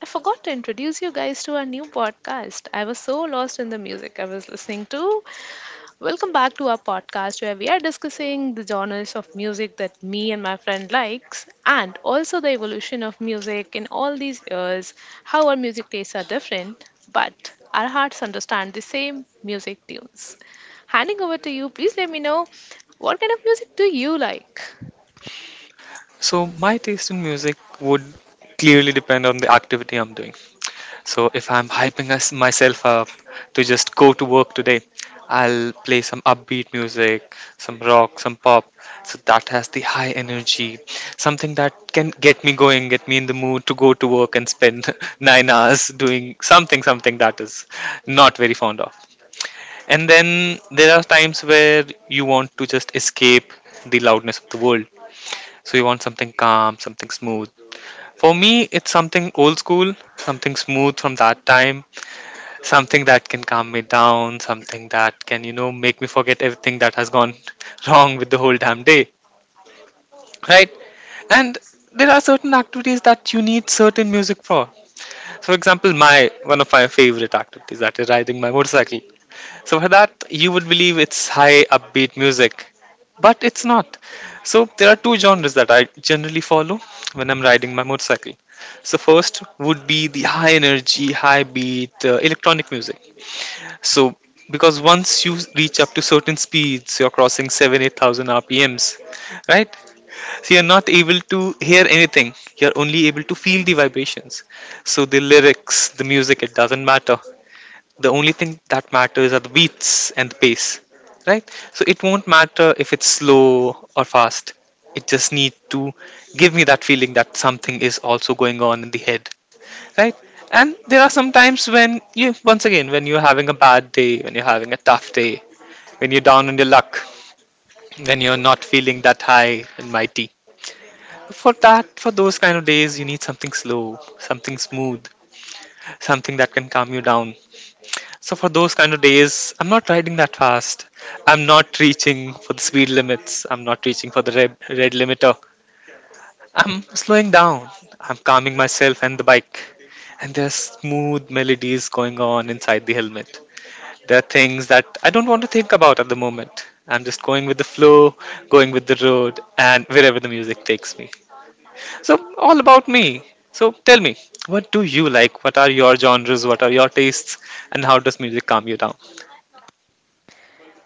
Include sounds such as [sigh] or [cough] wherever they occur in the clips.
I forgot to introduce you guys to our new podcast. I was so lost in the music I was listening to. Welcome back to our podcast where we are discussing the genres of music that me and my friend likes, and also the evolution of music in all these years, how our music tastes are different, but our hearts understand the same music tunes. Handing over to you, please let me know what kind of music do you like? So my taste in music would clearly depend on the activity I'm doing. So if I'm hyping myself up to just go to work today, I'll play some upbeat music, some rock, some pop. So that has the high energy, something that can get me going, get me in the mood to go to work and spend [laughs] 9 hours doing something, something that is not very fond of. And then there are times where you want to just escape the loudness of the world. So you want something calm, something smooth, for me, it's something old school, something smooth from that time, something that can calm me down, something that can, make me forget everything that has gone [laughs] wrong with the whole damn day, right? And there are certain activities that you need certain music for. For example, my one of my favorite activities, that is riding my motorcycle. So for that, you would believe it's high upbeat music, but it's not. So there are two genres that I generally follow when I'm riding my motorcycle. So first would be the high energy, high beat electronic music. So because once you reach up to certain speeds, you're crossing seven, 8,000 RPMs, right? So you're not able to hear anything. You're only able to feel the vibrations. So the lyrics, the music, it doesn't matter. The only thing that matters are the beats and the pace, right? So it won't matter if it's slow or fast, it just needs to give me that feeling that something is also going on in the head, right? And there are some times when, you once again, when you're having a bad day, when you're having a tough day, when you're down on your luck, when you're not feeling that high and mighty, for that, for those kind of days, you need something slow, something smooth, something that can calm you down. So for those kind of days, I'm not riding that fast. I'm not reaching for the speed limits. I'm not reaching for the red, red limiter. I'm slowing down. I'm calming myself and the bike. And there's smooth melodies going on inside the helmet. There are things that I don't want to think about at the moment. I'm just going with the flow, going with the road, and wherever the music takes me. So, all about me. So, tell me, what do you like? What are your genres? What are your tastes? And how does music calm you down?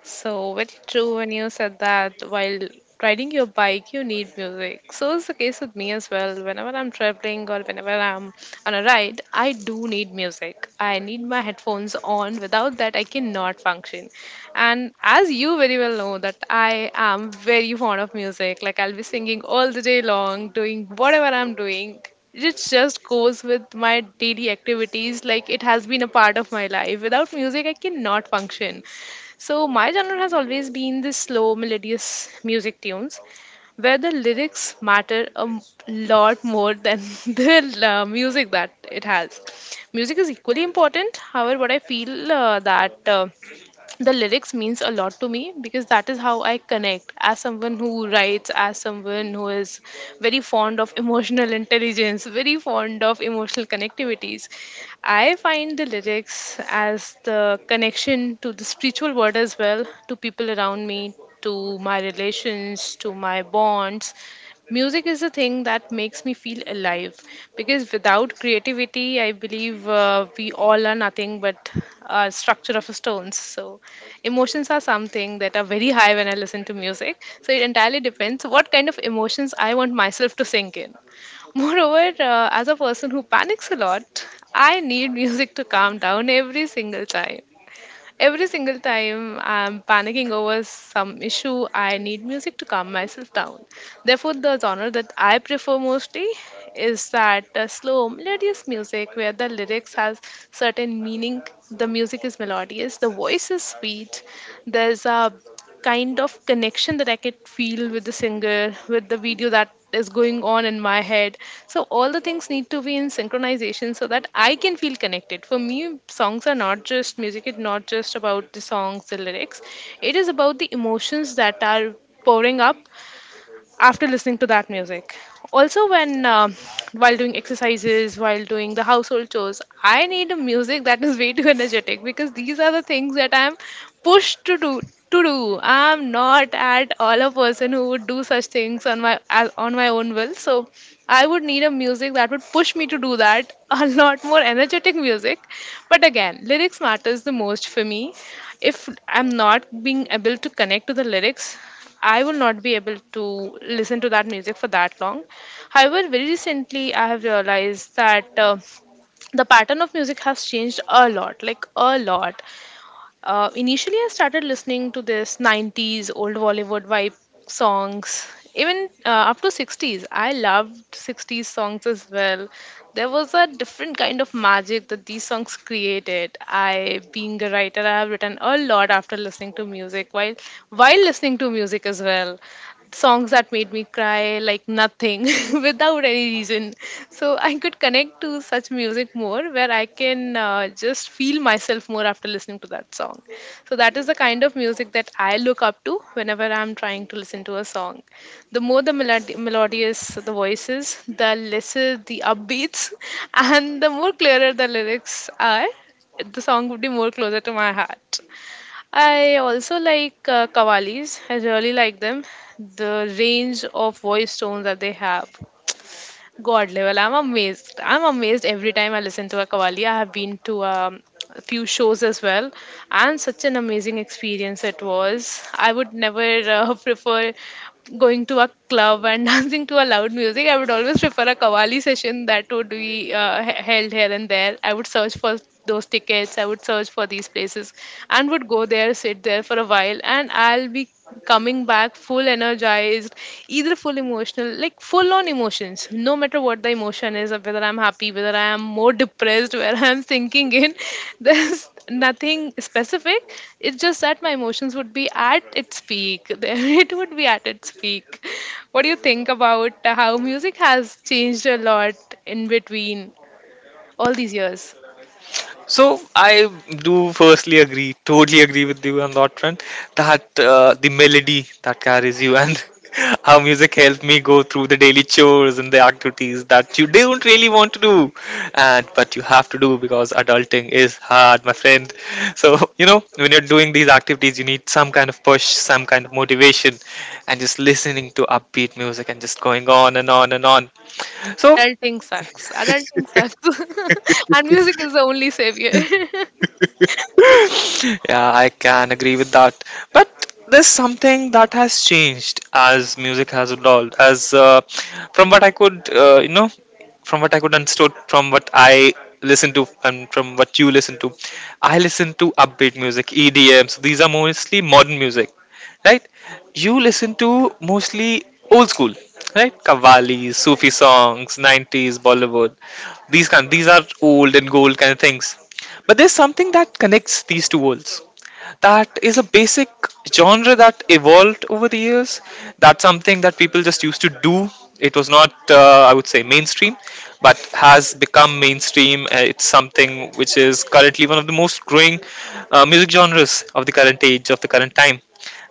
So, very true when you said that while riding your bike, you need music. So, it's the case with me as well. Whenever I'm traveling or whenever I'm on a ride, I do need music. I need my headphones on. Without that, I cannot function. And as you very well know, that I am very fond of music. Like, I'll be singing all the day long, doing whatever I'm doing. It just goes with my daily activities. Like, it has been a part of my life. Without music, I cannot function. So my genre has always been the slow, melodious music tunes, where the lyrics matter a lot more than [laughs] the music that it has. Music is equally important. However, what I feel that the lyrics means a lot to me, because that is how I connect, as someone who writes, as someone who is very fond of emotional [laughs] intelligence, very fond of emotional connectivities. I find the lyrics as the connection to the spiritual world, as well to people around me, to my relations, to my bonds. Music is the thing that makes me feel alive, because without creativity, I believe we all are nothing but a structure of stones. So emotions are something that are very high when I listen to music. So it entirely depends what kind of emotions I want myself to sink in. Moreover, as a person who panics a lot, I need music to calm down every single time. Every single time I'm panicking over some issue, I need music to calm myself down. Therefore, the genre that I prefer mostly is that slow, melodious music where the lyrics has certain meaning. The music is melodious, the voice is sweet. There's a kind of connection that I could feel with the singer, with the video that is going on in my head. So all the things need to be in synchronization so that I can feel connected. For me, songs are not just music, it's not just about the songs, the lyrics. It is about the emotions that are pouring up after listening to that music. Also, when while doing exercises, while doing the household chores, I need a music that is way too energetic, because these are the things that I'm pushed to do. I'm not at all a person who would do such things on on my own will. So I would need a music that would push me to do that. [laughs] A lot more energetic music, but again, lyrics matters the most for me. If I'm not being able to connect to the lyrics, I will not be able to listen to that music for that long. However, very recently I have realized that the pattern of music has changed a lot, like a lot. Initially, I started listening to this 90s old Bollywood vibe songs. Even up to 60s, I loved 60s songs as well. There was a different kind of magic that these songs created. I, being a writer, I have written a lot after listening to music, while listening to music as well. Songs that made me cry like nothing [laughs] without any reason. So I could connect to such music more, where I can just feel myself more after listening to that song. So that is the kind of music that I look up to whenever I'm trying to listen to a song. The more the melodious the voices, the lesser the upbeats, [laughs] and the more clearer the lyrics are, the song would be more closer to my heart. I also like Qawwalis. I really like them. The range of voice tones that they have. God level. I'm amazed. I'm amazed every time I listen to a Kavali. I have been to a few shows as well, and such an amazing experience it was. I would never [laughs] prefer going to a club and [laughs] dancing to a loud music. I would always prefer a Kavali session that would be held here and there. I would search for those tickets. I would search for these places and would go there, sit there for a while, and I'll be coming back full energized. Either full emotional, like full on emotions, no matter what the emotion is, whether I'm happy, whether I am more depressed, [laughs] where I'm sinking in. [laughs] There's nothing specific. It's just that my emotions would be at its peak. [laughs] There it would be at its peak. What do you think about how music has changed a lot in between all these years? So I do firstly agree, totally agree with you on that front. That the melody that carries you, and [laughs] how music helped me go through the daily chores and the activities that you don't really want to do, and but you have to do because adulting is hard, my friend. So, [laughs] you know, when you're doing these activities, you need some kind of push, some kind of motivation, and just listening to upbeat music and just going on and on and on. So, Adulting sucks, adulting sucks. [laughs] And music is the only savior. [laughs] yeah, I can agree with that. But there's something that has changed as music has evolved. As from what I could, uh, you know, from what I could understood, from what I listen to, and from what you listen to, I listen to upbeat music, EDM. So these are mostly modern music, right? You listen to mostly old school, right? Kavalis, Sufi songs, 90s Bollywood. These kind, these are old and gold kind of things. But there's something that connects these two worlds, that is a basic genre that evolved over the years. That's something that people just used to do. It was not, I would say, mainstream, but has become mainstream. It's something which is currently one of the most growing music genres of the current age, of the current time.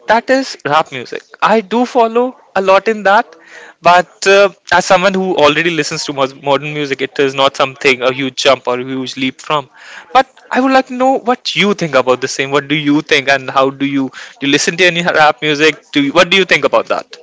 That is rap music. I do follow a lot in that, but as someone who already listens to modern music, it is not something a huge jump or a huge leap from. But I would like to know what you think about the same. What do you think, and how do? You listen to any rap music? What do you think about that?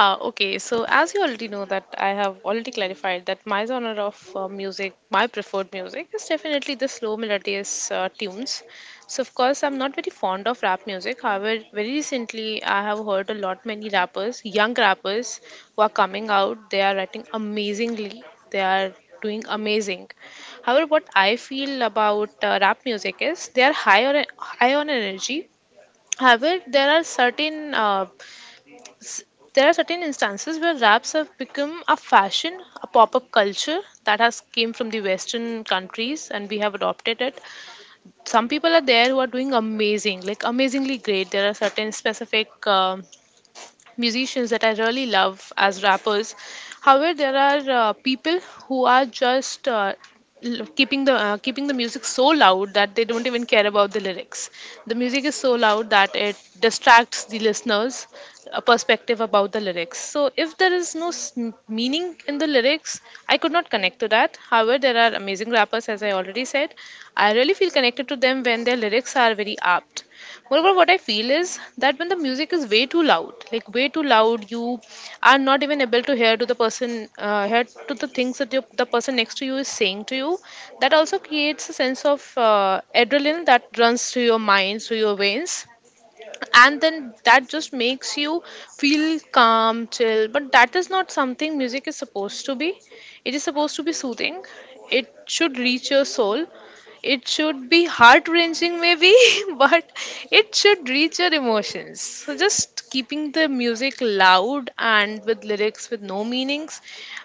Ah, okay. So, as you already know, that I have already clarified that my genre of music, my preferred music, is definitely the slow melodious tunes. So, of course, I'm not very fond of rap music. However, very recently I have heard a lot many rappers, young rappers, who are coming out. They are writing amazingly. They are doing amazing. However, what I feel about rap music is they are high on energy. However, there are certain instances where raps have become a fashion, a pop-up culture that has came from the Western countries, and we have adopted it. Some people are there who are doing amazing, like amazingly great. There are certain specific. Musicians that I really love as rappers. However, there are people who are just keeping the music so loud that they don't even care about the lyrics. The music is so loud that it distracts the listeners a perspective about the lyrics. So if there is no meaning in the lyrics, I could not connect to that. However, there are amazing rappers, as I already said. I really feel connected to them when their lyrics are very apt. Moreover, what I feel is that when the music is way too loud, like way too loud, you are not even able to hear to the person, hear to the things that the person next to you is saying to you. That also creates a sense of adrenaline that runs through your mind, through your veins, and then that just makes you feel calm, chill. But that is not something music is supposed to be. It is supposed to be soothing. It should reach your soul. It should be heart wrenching maybe, [laughs] but it should reach your emotions. So just keeping the music loud and with lyrics with no meanings,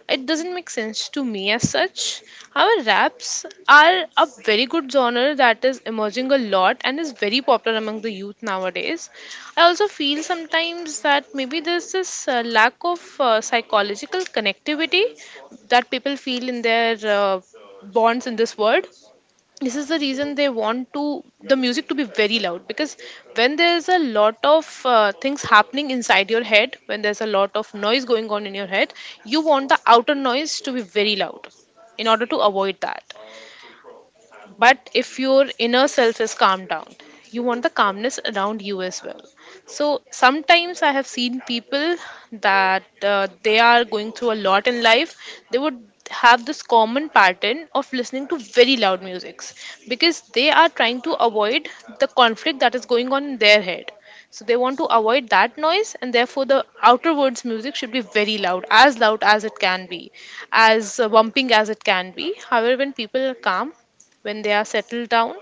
it doesn't make sense to me as such. However, raps are a very good genre that is emerging a lot and is very popular among the youth nowadays. I also feel sometimes that maybe there's this lack of psychological connectivity that people feel in their bonds in this world. This is the reason they want to the music to be very loud, because when there's a lot of things happening inside your head, when there's a lot of noise going on in your head, you want the outer noise to be very loud in order to avoid that. But if your inner self is calmed down, you want the calmness around you as well. So sometimes I have seen people that they are going through a lot in life. They would have this common pattern of listening to very loud musics, because they are trying to avoid the conflict that is going on in their head. So they want to avoid that noise, and therefore the outer words music should be very loud, as loud as it can be, as bumping as it can be. However, when people are calm, when they are settled down,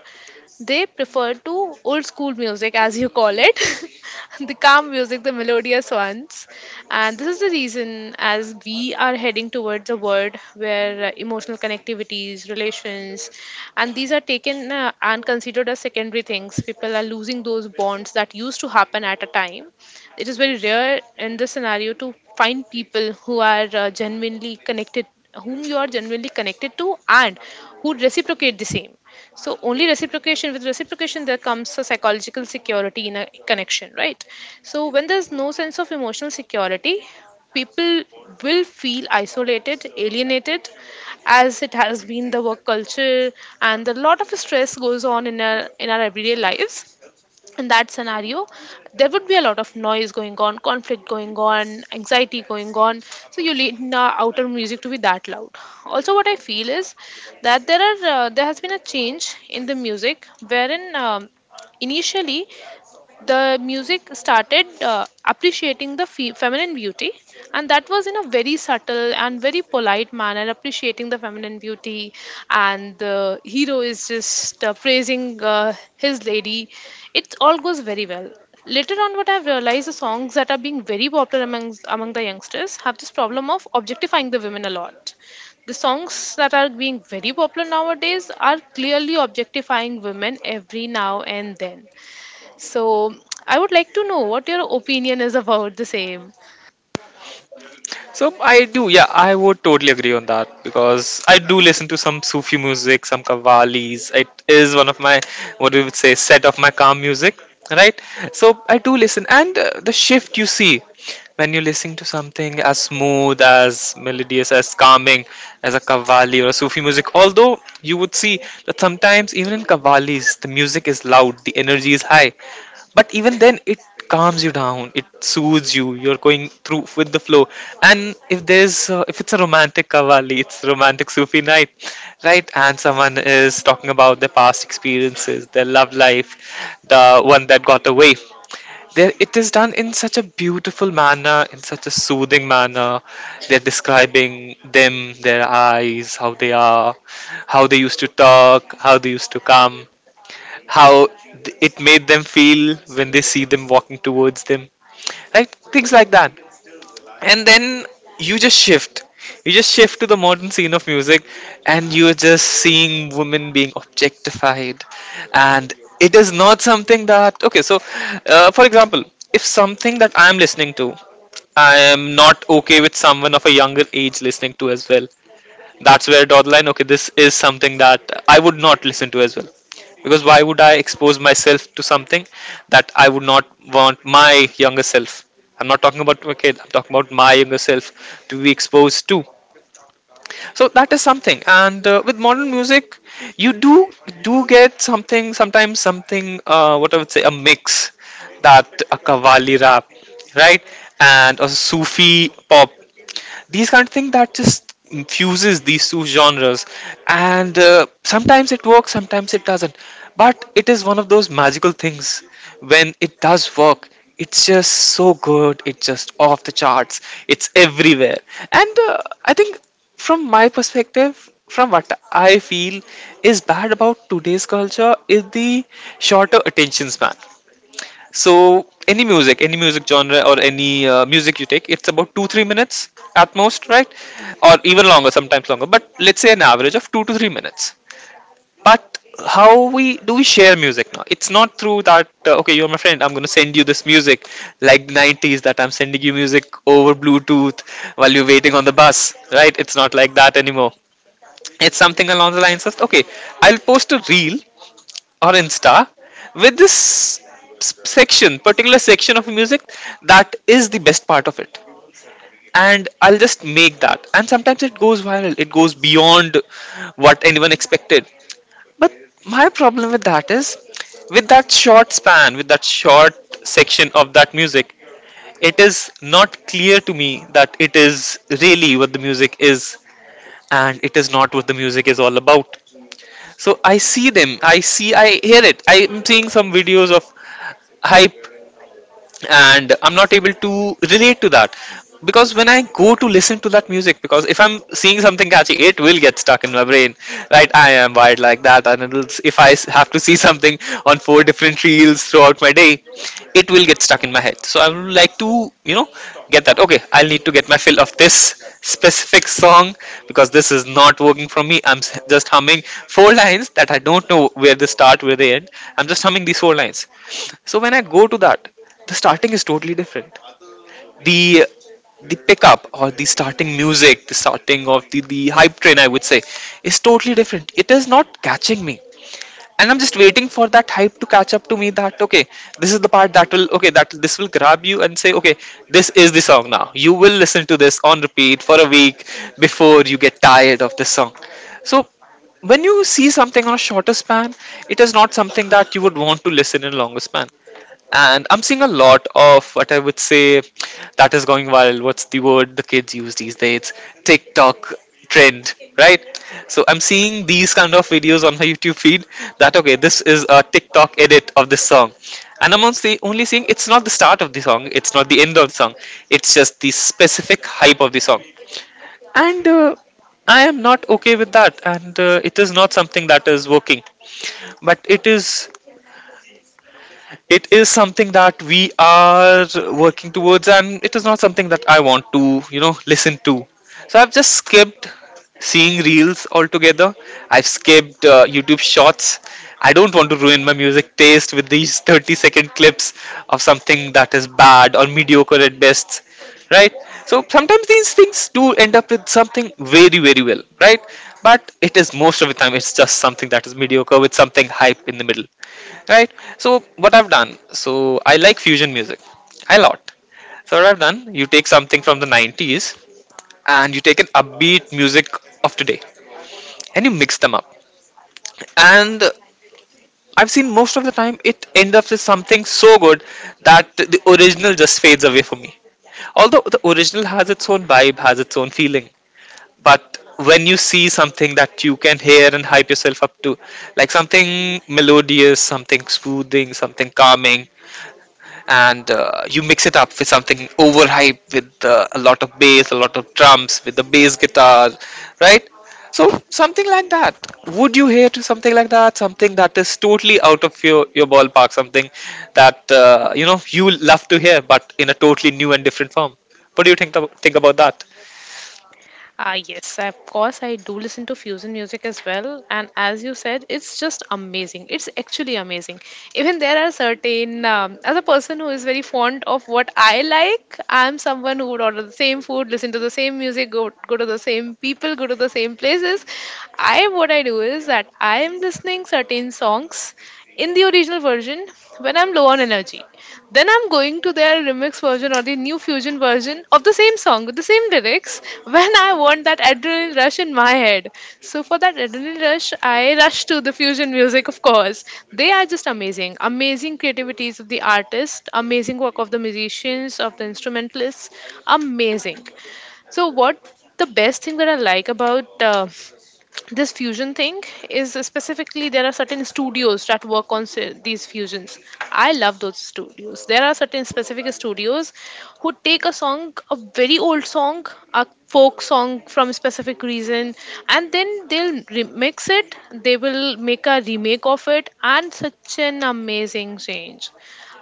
they prefer to old school music, as you call it, [laughs] the calm music, the melodious ones. And this is the reason, as we are heading towards a world where emotional connectivities, relations, and these are taken and considered as secondary things. People are losing those bonds that used to happen at a time. It is very rare in this scenario to find people who are genuinely connected, whom you are genuinely connected to, and who reciprocate the same. So with reciprocation, there comes a psychological security in a connection, right? So when there's no sense of emotional security, people will feel isolated, alienated, as it has been the work culture, and a lot of stress goes on in our everyday lives. In that scenario there would be a lot of noise going on, conflict going on, anxiety going on, so you need the outer music to be that loud. Also what I feel is that there has been a change in the music wherein initially the music started appreciating the feminine beauty, and that was in a very subtle and very polite manner appreciating the feminine beauty, and the hero is just praising his lady. It all goes very well. Later on what I've realized, the songs that are being very popular among the youngsters have this problem of objectifying the women a lot. The songs that are being very popular nowadays are clearly objectifying women every now and then. So, I would like to know what your opinion is about the same. So I do, yeah, I would totally agree on that, because I do listen to some Sufi music, some Qawwalis. It is one of my, what we would say, set of my calm music, right? So I do listen, and the shift you see when you're listening to something as smooth, as melodious, as calming as a Qawwali or a Sufi music. Although you would see that sometimes even in Qawwalis, the music is loud, the energy is high, but even then it calms you down, it soothes you, you're going through with the flow. And if there's if it's a romantic kavali, it's romantic sufi night, right? And someone is talking about their past experiences, their love life, the one that got away, there it is done in such a beautiful manner, in such a soothing manner. They're describing them, their eyes, how they are, how they used to talk, how they used to come, how it made them feel when they see them walking towards them, right? Things like that. And then you just shift. You just shift to the modern scene of music, and you're just seeing women being objectified. And it is not something that, okay, so, for example, if something that I'm listening to, I am not okay with someone of a younger age listening to as well. That's where draw the line. Okay, this is something that I would not listen to as well. Because why would I expose myself to something that I would not want my younger self? I'm not talking about my kid, I'm talking about my younger self to be exposed to. So that is something, and with modern music, you do get something, sometimes something, what I would say, a mix, that a kavali rap, right, and a sufi pop, these kind of things that just fuses these two genres. And sometimes it works, sometimes it doesn't, but it is one of those magical things. When it does work, it's just so good, it's just off the charts, it's everywhere. And I think, from my perspective, from what I feel, is bad about today's culture is the shorter attention span. So any music, any music genre, or any music you take, it's about 2 3 minutes at most, right? Or even longer, sometimes longer, but let's say an average of 2 to 3 minutes. But how we do we share music now, it's not through that, okay, you're my friend, I'm going to send you this music, like 90s that I'm sending you music over bluetooth while you're waiting on the bus, right? It's not like that anymore. It's something along the lines of, okay, I'll post a reel or Insta with this section, particular section of music that is the best part of it. And I'll just make that. And sometimes it goes viral, it goes beyond what anyone expected. But my problem with that is, with that short span, with that short section of that music, it is not clear to me that it is really what the music is, and it is not what the music is all about. So I see them. I see. I hear it. I am seeing some videos of high, and I'm not able to relate to that, because when I go to listen to that music, because if I'm seeing something catchy it will get stuck in my brain, right? I am wired like that, and it'll, if I have to see [laughs] something on four different reels throughout my day, it will get stuck in my head. So I would like to, get that, okay, I'll need to get my fill of this specific song, because this is not working for me, I'm just humming four lines that I don't know where they start, where they end, I'm just humming these four lines. So when I go to that, the starting is totally different, the the pickup, or the starting music, the starting of the hype train, I would say, is totally different, it is not catching me. And I'm just waiting for that hype to catch up to me, that, okay, this is the part that will, okay, that this will grab you and say, okay, this is the song, now you will listen to this on repeat for a week before you get tired of this song. So when you see something on a shorter span, it is not something that you would want to listen in a longer span. And I'm seeing a lot of what I would say that is going viral. What's the word the kids use these days? TikTok trend, right? So I'm seeing these kind of videos on my [laughs] YouTube feed that okay, this is a TikTok edit of this song. And I'm only seeing it's not the start of the song, it's not the end of the song, it's just the specific hype of the song. And I am not okay with that, and it is not something that is working, but it is something that we are working towards, and it is not something that I want to listen to. So I've just skipped seeing reels altogether. I've skipped YouTube shorts. I don't want to ruin my music taste with these [laughs] 30-second clips of something that is bad or mediocre at best, right? So sometimes these things do end up with something very, very well, right? But it is, most of the time it's just something that is mediocre with something hype in the middle, right? So what I've done, so I like fusion music a lot. So what I've done, you take something from the 90s and you take an upbeat music of today and you mix them up, and I've seen most of the time it end up with something so good that the original just fades away for me, although the original has its own vibe, has its own feeling. But when you see something that you can hear and hype yourself up to, like something melodious, something soothing, something calming, and you mix it up with something overhyped with a lot of bass, a lot of drums, with the bass guitar, right? So something like that. Would you hear to something like that? Something that is totally out of your ballpark. Something that you love to hear, but in a totally new and different form. What do you think about that? Ah, yes, of course, I do listen to fusion music as well. And as you said, it's just amazing. It's actually amazing. Even there are certain, as a person who is very fond of what I like, I'm someone who would order the same food, listen to the same music, go to the same people, go to the same places. I, what I do is that I am listening certain songs in the original version when I'm low on energy. Then I'm going to their remix version or the new fusion version of the same song with the same lyrics when I want that adrenaline rush in my head. So for that adrenaline rush, I rush to the fusion music, of course. They are just amazing. Amazing creativities of the artist, amazing work of the musicians, of the instrumentalists. Amazing. So what the best thing that I like about this fusion thing is, specifically there are certain studios that work on these fusions. I love those studios. There are certain specific studios who take a song, a very old song, a folk song from a specific reason, and then they'll remix it. They will make a remake of it and such an amazing change.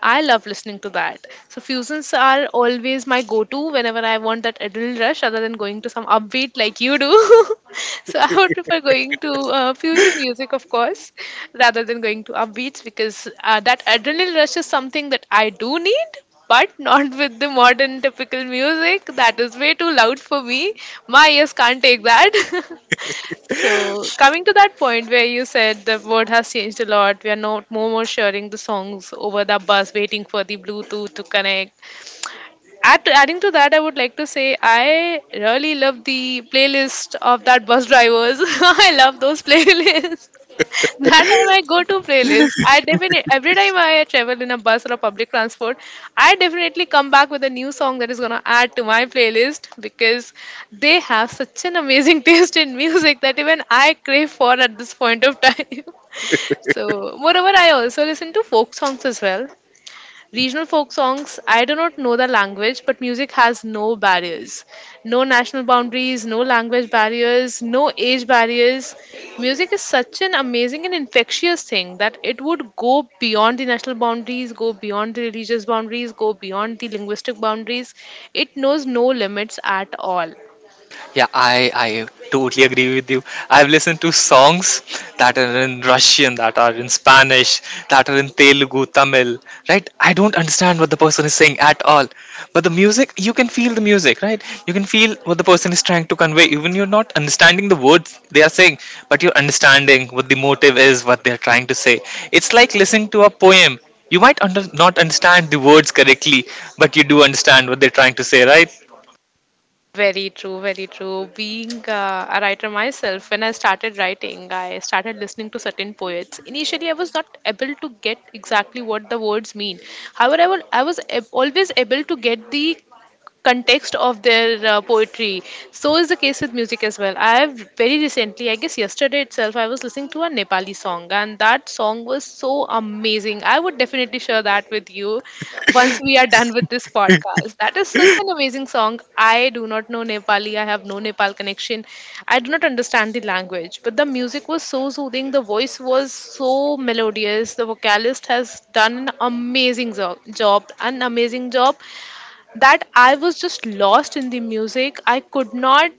I love listening to that. So fusions are always my go-to whenever I want that adrenaline rush, other than going to some upbeat like you do. [laughs] So I would prefer going to fusion music, of course, rather than going to upbeats because that adrenaline rush is something that I do need. But not [laughs] with the modern typical music. That is way too loud for me. My ears can't take that. [laughs] So, coming to that point where you said the world has changed a lot, we are not more sharing the songs over the bus, waiting for the Bluetooth to connect. At adding to that, I would like to say I really love the playlist of that bus drivers. [laughs] I love those [laughs] playlists. That are my go-to playlist. I definitely every time I travel in a bus or a public transport, I definitely come back with a new song that is gonna add to my playlist because they have such an amazing [laughs] taste in music that even I crave for at this point of time. [laughs] So, moreover, I also listen to folk songs as well. Regional folk songs, I do not know the language, but music has no barriers. No national boundaries, no language barriers, no age barriers. Music is such an amazing and infectious thing that it would go beyond the national boundaries, go beyond the religious boundaries, go beyond the linguistic boundaries. It knows no limits at all. Yeah, I totally agree with you. I've listened to songs that are in Russian, that are in Spanish, that are in Telugu, Tamil, right? I don't understand what the person is saying at all. But the music, you can feel the music, right? You can feel what the person is trying to convey. Even you're not understanding the words they are saying, but you're understanding what the motive is, what they're trying to say. It's like listening to a poem. You might not understand the words correctly, but you do understand what they're trying to say, right? Very true, very true. Being a writer myself, when I started writing, I started listening to certain poets. Initially, I was not able to get exactly what the words mean. However, I was always able to get the context of their poetry. So is the case with music as well. I have very recently, I guess yesterday itself, I was listening to a Nepali song, and that song was so amazing. I would definitely share that with you once we are done with this podcast. That is such an amazing song. I do not know Nepali, I have no Nepal connection. I do not understand the language, but the music was so soothing, the voice was so melodious. The vocalist has done an amazing job, an amazing job, that I was just lost in the music. I could not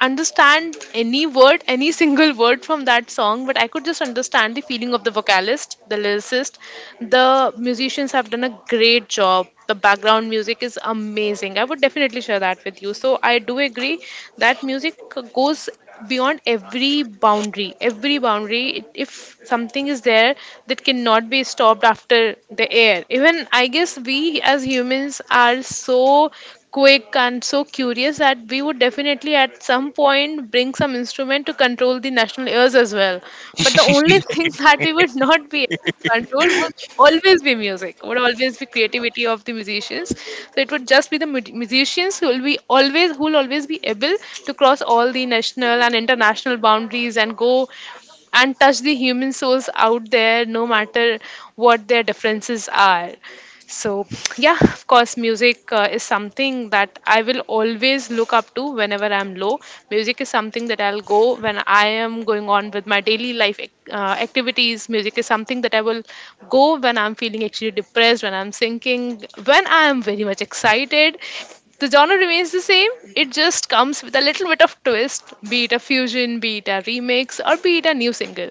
understand any word, any single word from that song, but I could just understand the feeling of the vocalist, the lyricist. The musicians have done a great job. The background music is amazing. I would definitely share that with you. So I do agree that music goes beyond every boundary. If something is there that cannot be stopped after the air, even I guess we as humans are so quick and so curious that we would definitely at some point bring some instrument to control the national airs as well. But the only [laughs] thing that we would not be able to control would always be music, would always be creativity of the musicians. So it would just be the musicians who will always be able to cross all the national and international boundaries and go and touch the human souls out there, no matter what their differences are. So, yeah, of course, music is something that I will always look up to whenever I'm low. Music is something that I'll go when I am going on with my daily life activities. Music is something that I will go when I'm feeling actually depressed, when I'm thinking, when I am very much excited. The genre remains the same, it just comes with a little bit of twist, be it a fusion, be it a remix, or be it a new single.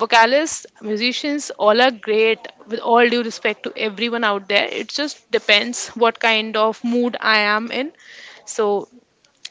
Vocalists, musicians, all are great with all due respect to everyone out there. It just depends what kind of mood I am in. So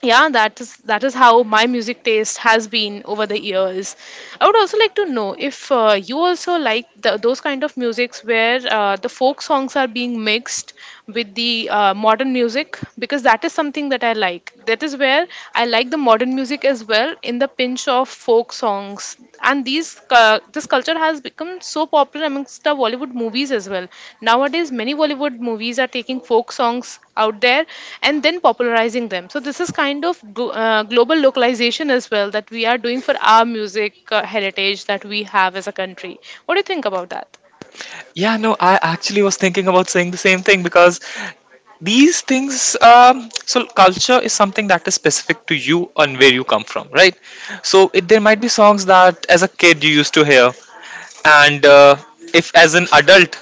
yeah, that is how my music taste has been over the years. I would also like to know if you also like the, those kind of musics where the folk songs are being mixed with the modern music, because that is something that I like. That is where I like the modern music as well, in the pinch of folk songs. And these this culture has become so popular amongst the Bollywood movies as well. Nowadays many Bollywood movies are taking folk songs out there and then popularizing them. So this is kind of global localization as well that we are doing for our music heritage that we have as a country. What do you think about that? Yeah, no, I actually was thinking about saying the same thing because these things, so culture is something that is specific to you and where you come from, right? So it, there might be songs that as a kid you used to hear, and if as an adult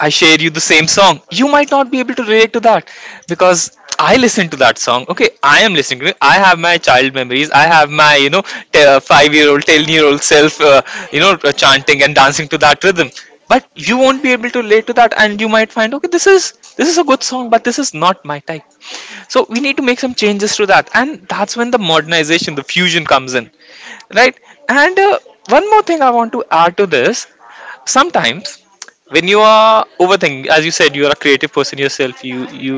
I share you the same song. You might not be able to relate to that because I listen to that song. Okay, I am listening to it. I have my child memories. I have my, 5 year old, 10-year-old self, chanting and dancing to that rhythm. But you won't be able to relate to that, and you might find, okay, this is a good song, but this is not my type. So we need to make some changes to that, and that's when the modernization, the fusion comes in, right? And one more thing I want to add to this: sometimes when you are overthinking, as you said, you are a creative person yourself, you you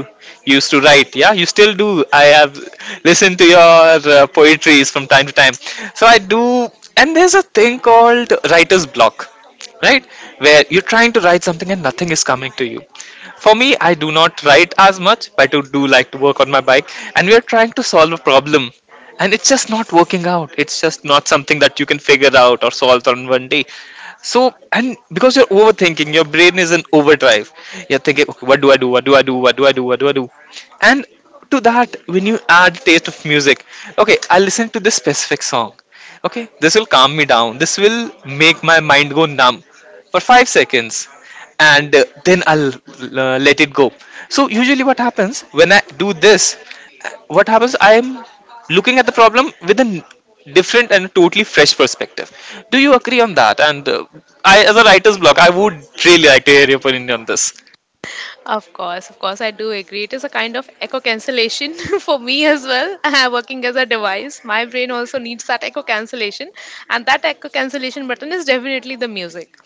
you used to write, yeah, you still do. I have listened to your poetries from time to time, so I do. And there's a thing called writer's block, right? Where you're trying to write something and nothing is coming to you. For me, I do not write as much, but I do like to work on my bike, and we are trying to solve a problem, and it's just not working out. It's just not something that you can figure out or solve on one day. So, and because you're overthinking, your brain is in overdrive, you're thinking, okay, what do I do what do I do what do I do what do I do? And to that, when you add taste of music, okay, I will listen to this specific song, okay, this will calm me down, this will make my mind go numb for 5 seconds, and then I'll let it go. So usually what happens when I do this, what happens, I'm looking at the problem with different and totally fresh perspective. Do you agree on that? And I, as a writer's block, I would really like to hear your opinion on this. Of course, I do agree. It is a kind of echo cancellation [laughs] for me as well. [laughs] Working as a device, my brain also needs that echo cancellation, and that echo cancellation button is definitely the music.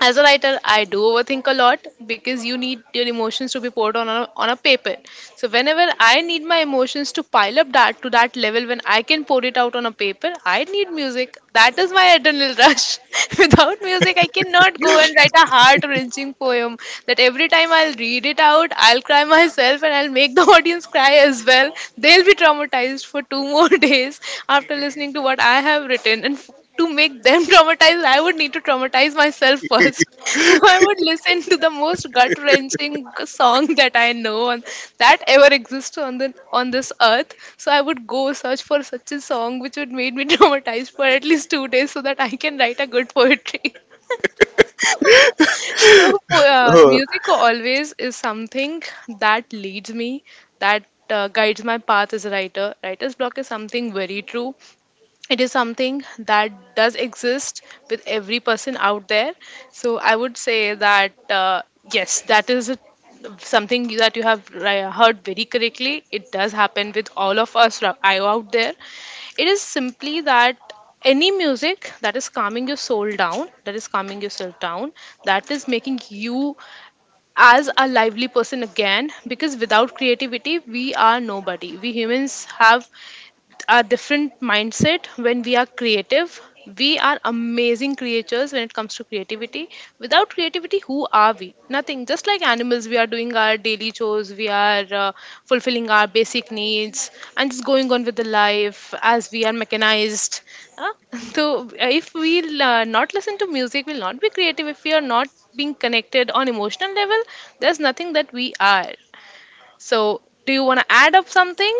As a writer I do overthink a lot because you need your emotions to be poured on a paper. So whenever I need my emotions to pile up that to that level when I can pour it out on a paper, I need music. That is my adrenal rush. [laughs] Without music I cannot go and write a heart wrenching poem that every time I'll read it out I'll cry myself and I'll make the [laughs] audience cry as well. They'll be traumatized for two more [laughs] days after listening to what I have written, and to make them [laughs] traumatized, I would need to traumatize myself first. [laughs] So I would listen to the most gut wrenching song that I know and that ever exists on the on this earth. So I would go search for such a song which would make me [laughs] traumatized for at least 2 days so that I can write a good poetry. [laughs] So Oh, music always is something that leads me, that guides my path as a writer. Writer's block is something very true. It is something that does exist with every person out there. So I would say that yes, something that you have heard very correctly. It does happen with all of us out there. It is simply that any music that is calming your soul down, that is calming yourself down, that is making you as a lively person again, because without creativity we are nobody. We humans have a different mindset when we are creative. We are amazing creatures when it comes to creativity. Without creativity, who are we? Nothing. Just like animals, we are doing our daily chores, we are fulfilling our basic needs, and just going on with the life as we are mechanized. [laughs] So, if we'll not listen to music, we'll not be creative. If we are not being connected on emotional level, there's nothing that we are. So, do you want to add up something?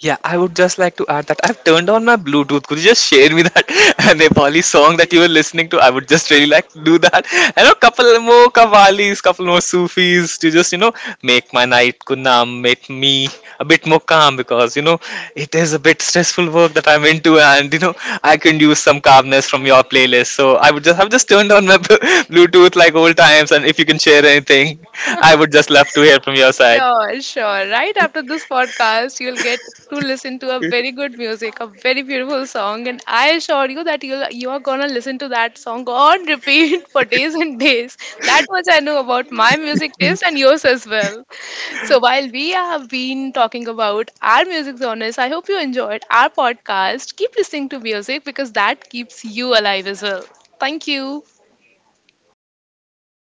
yeah, I would just like to add that I've turned on my Bluetooth. Could you just share me that [laughs] Nepali song that you were listening to? I would just really like to do that. And a couple more Kavalis, couple more Sufis to just, you know, make my night kunam, make me a bit more calm because, you know, it is a bit stressful work that I'm into, and, you know, I can use some calmness from your playlist. So I would just have just turned on my [laughs] Bluetooth like old times, and if you can share anything, I would just love to hear from your side. Sure, sure. Right after this podcast, you'll get to listen to a very good music, a very beautiful song, and I assure you that you are gonna listen to that song on repeat [laughs] for days and days. That much I know about my music taste and yours as well. So while we have been talking about our music genres, I hope you enjoyed our podcast. Keep listening to music because that keeps you alive as well. Thank you.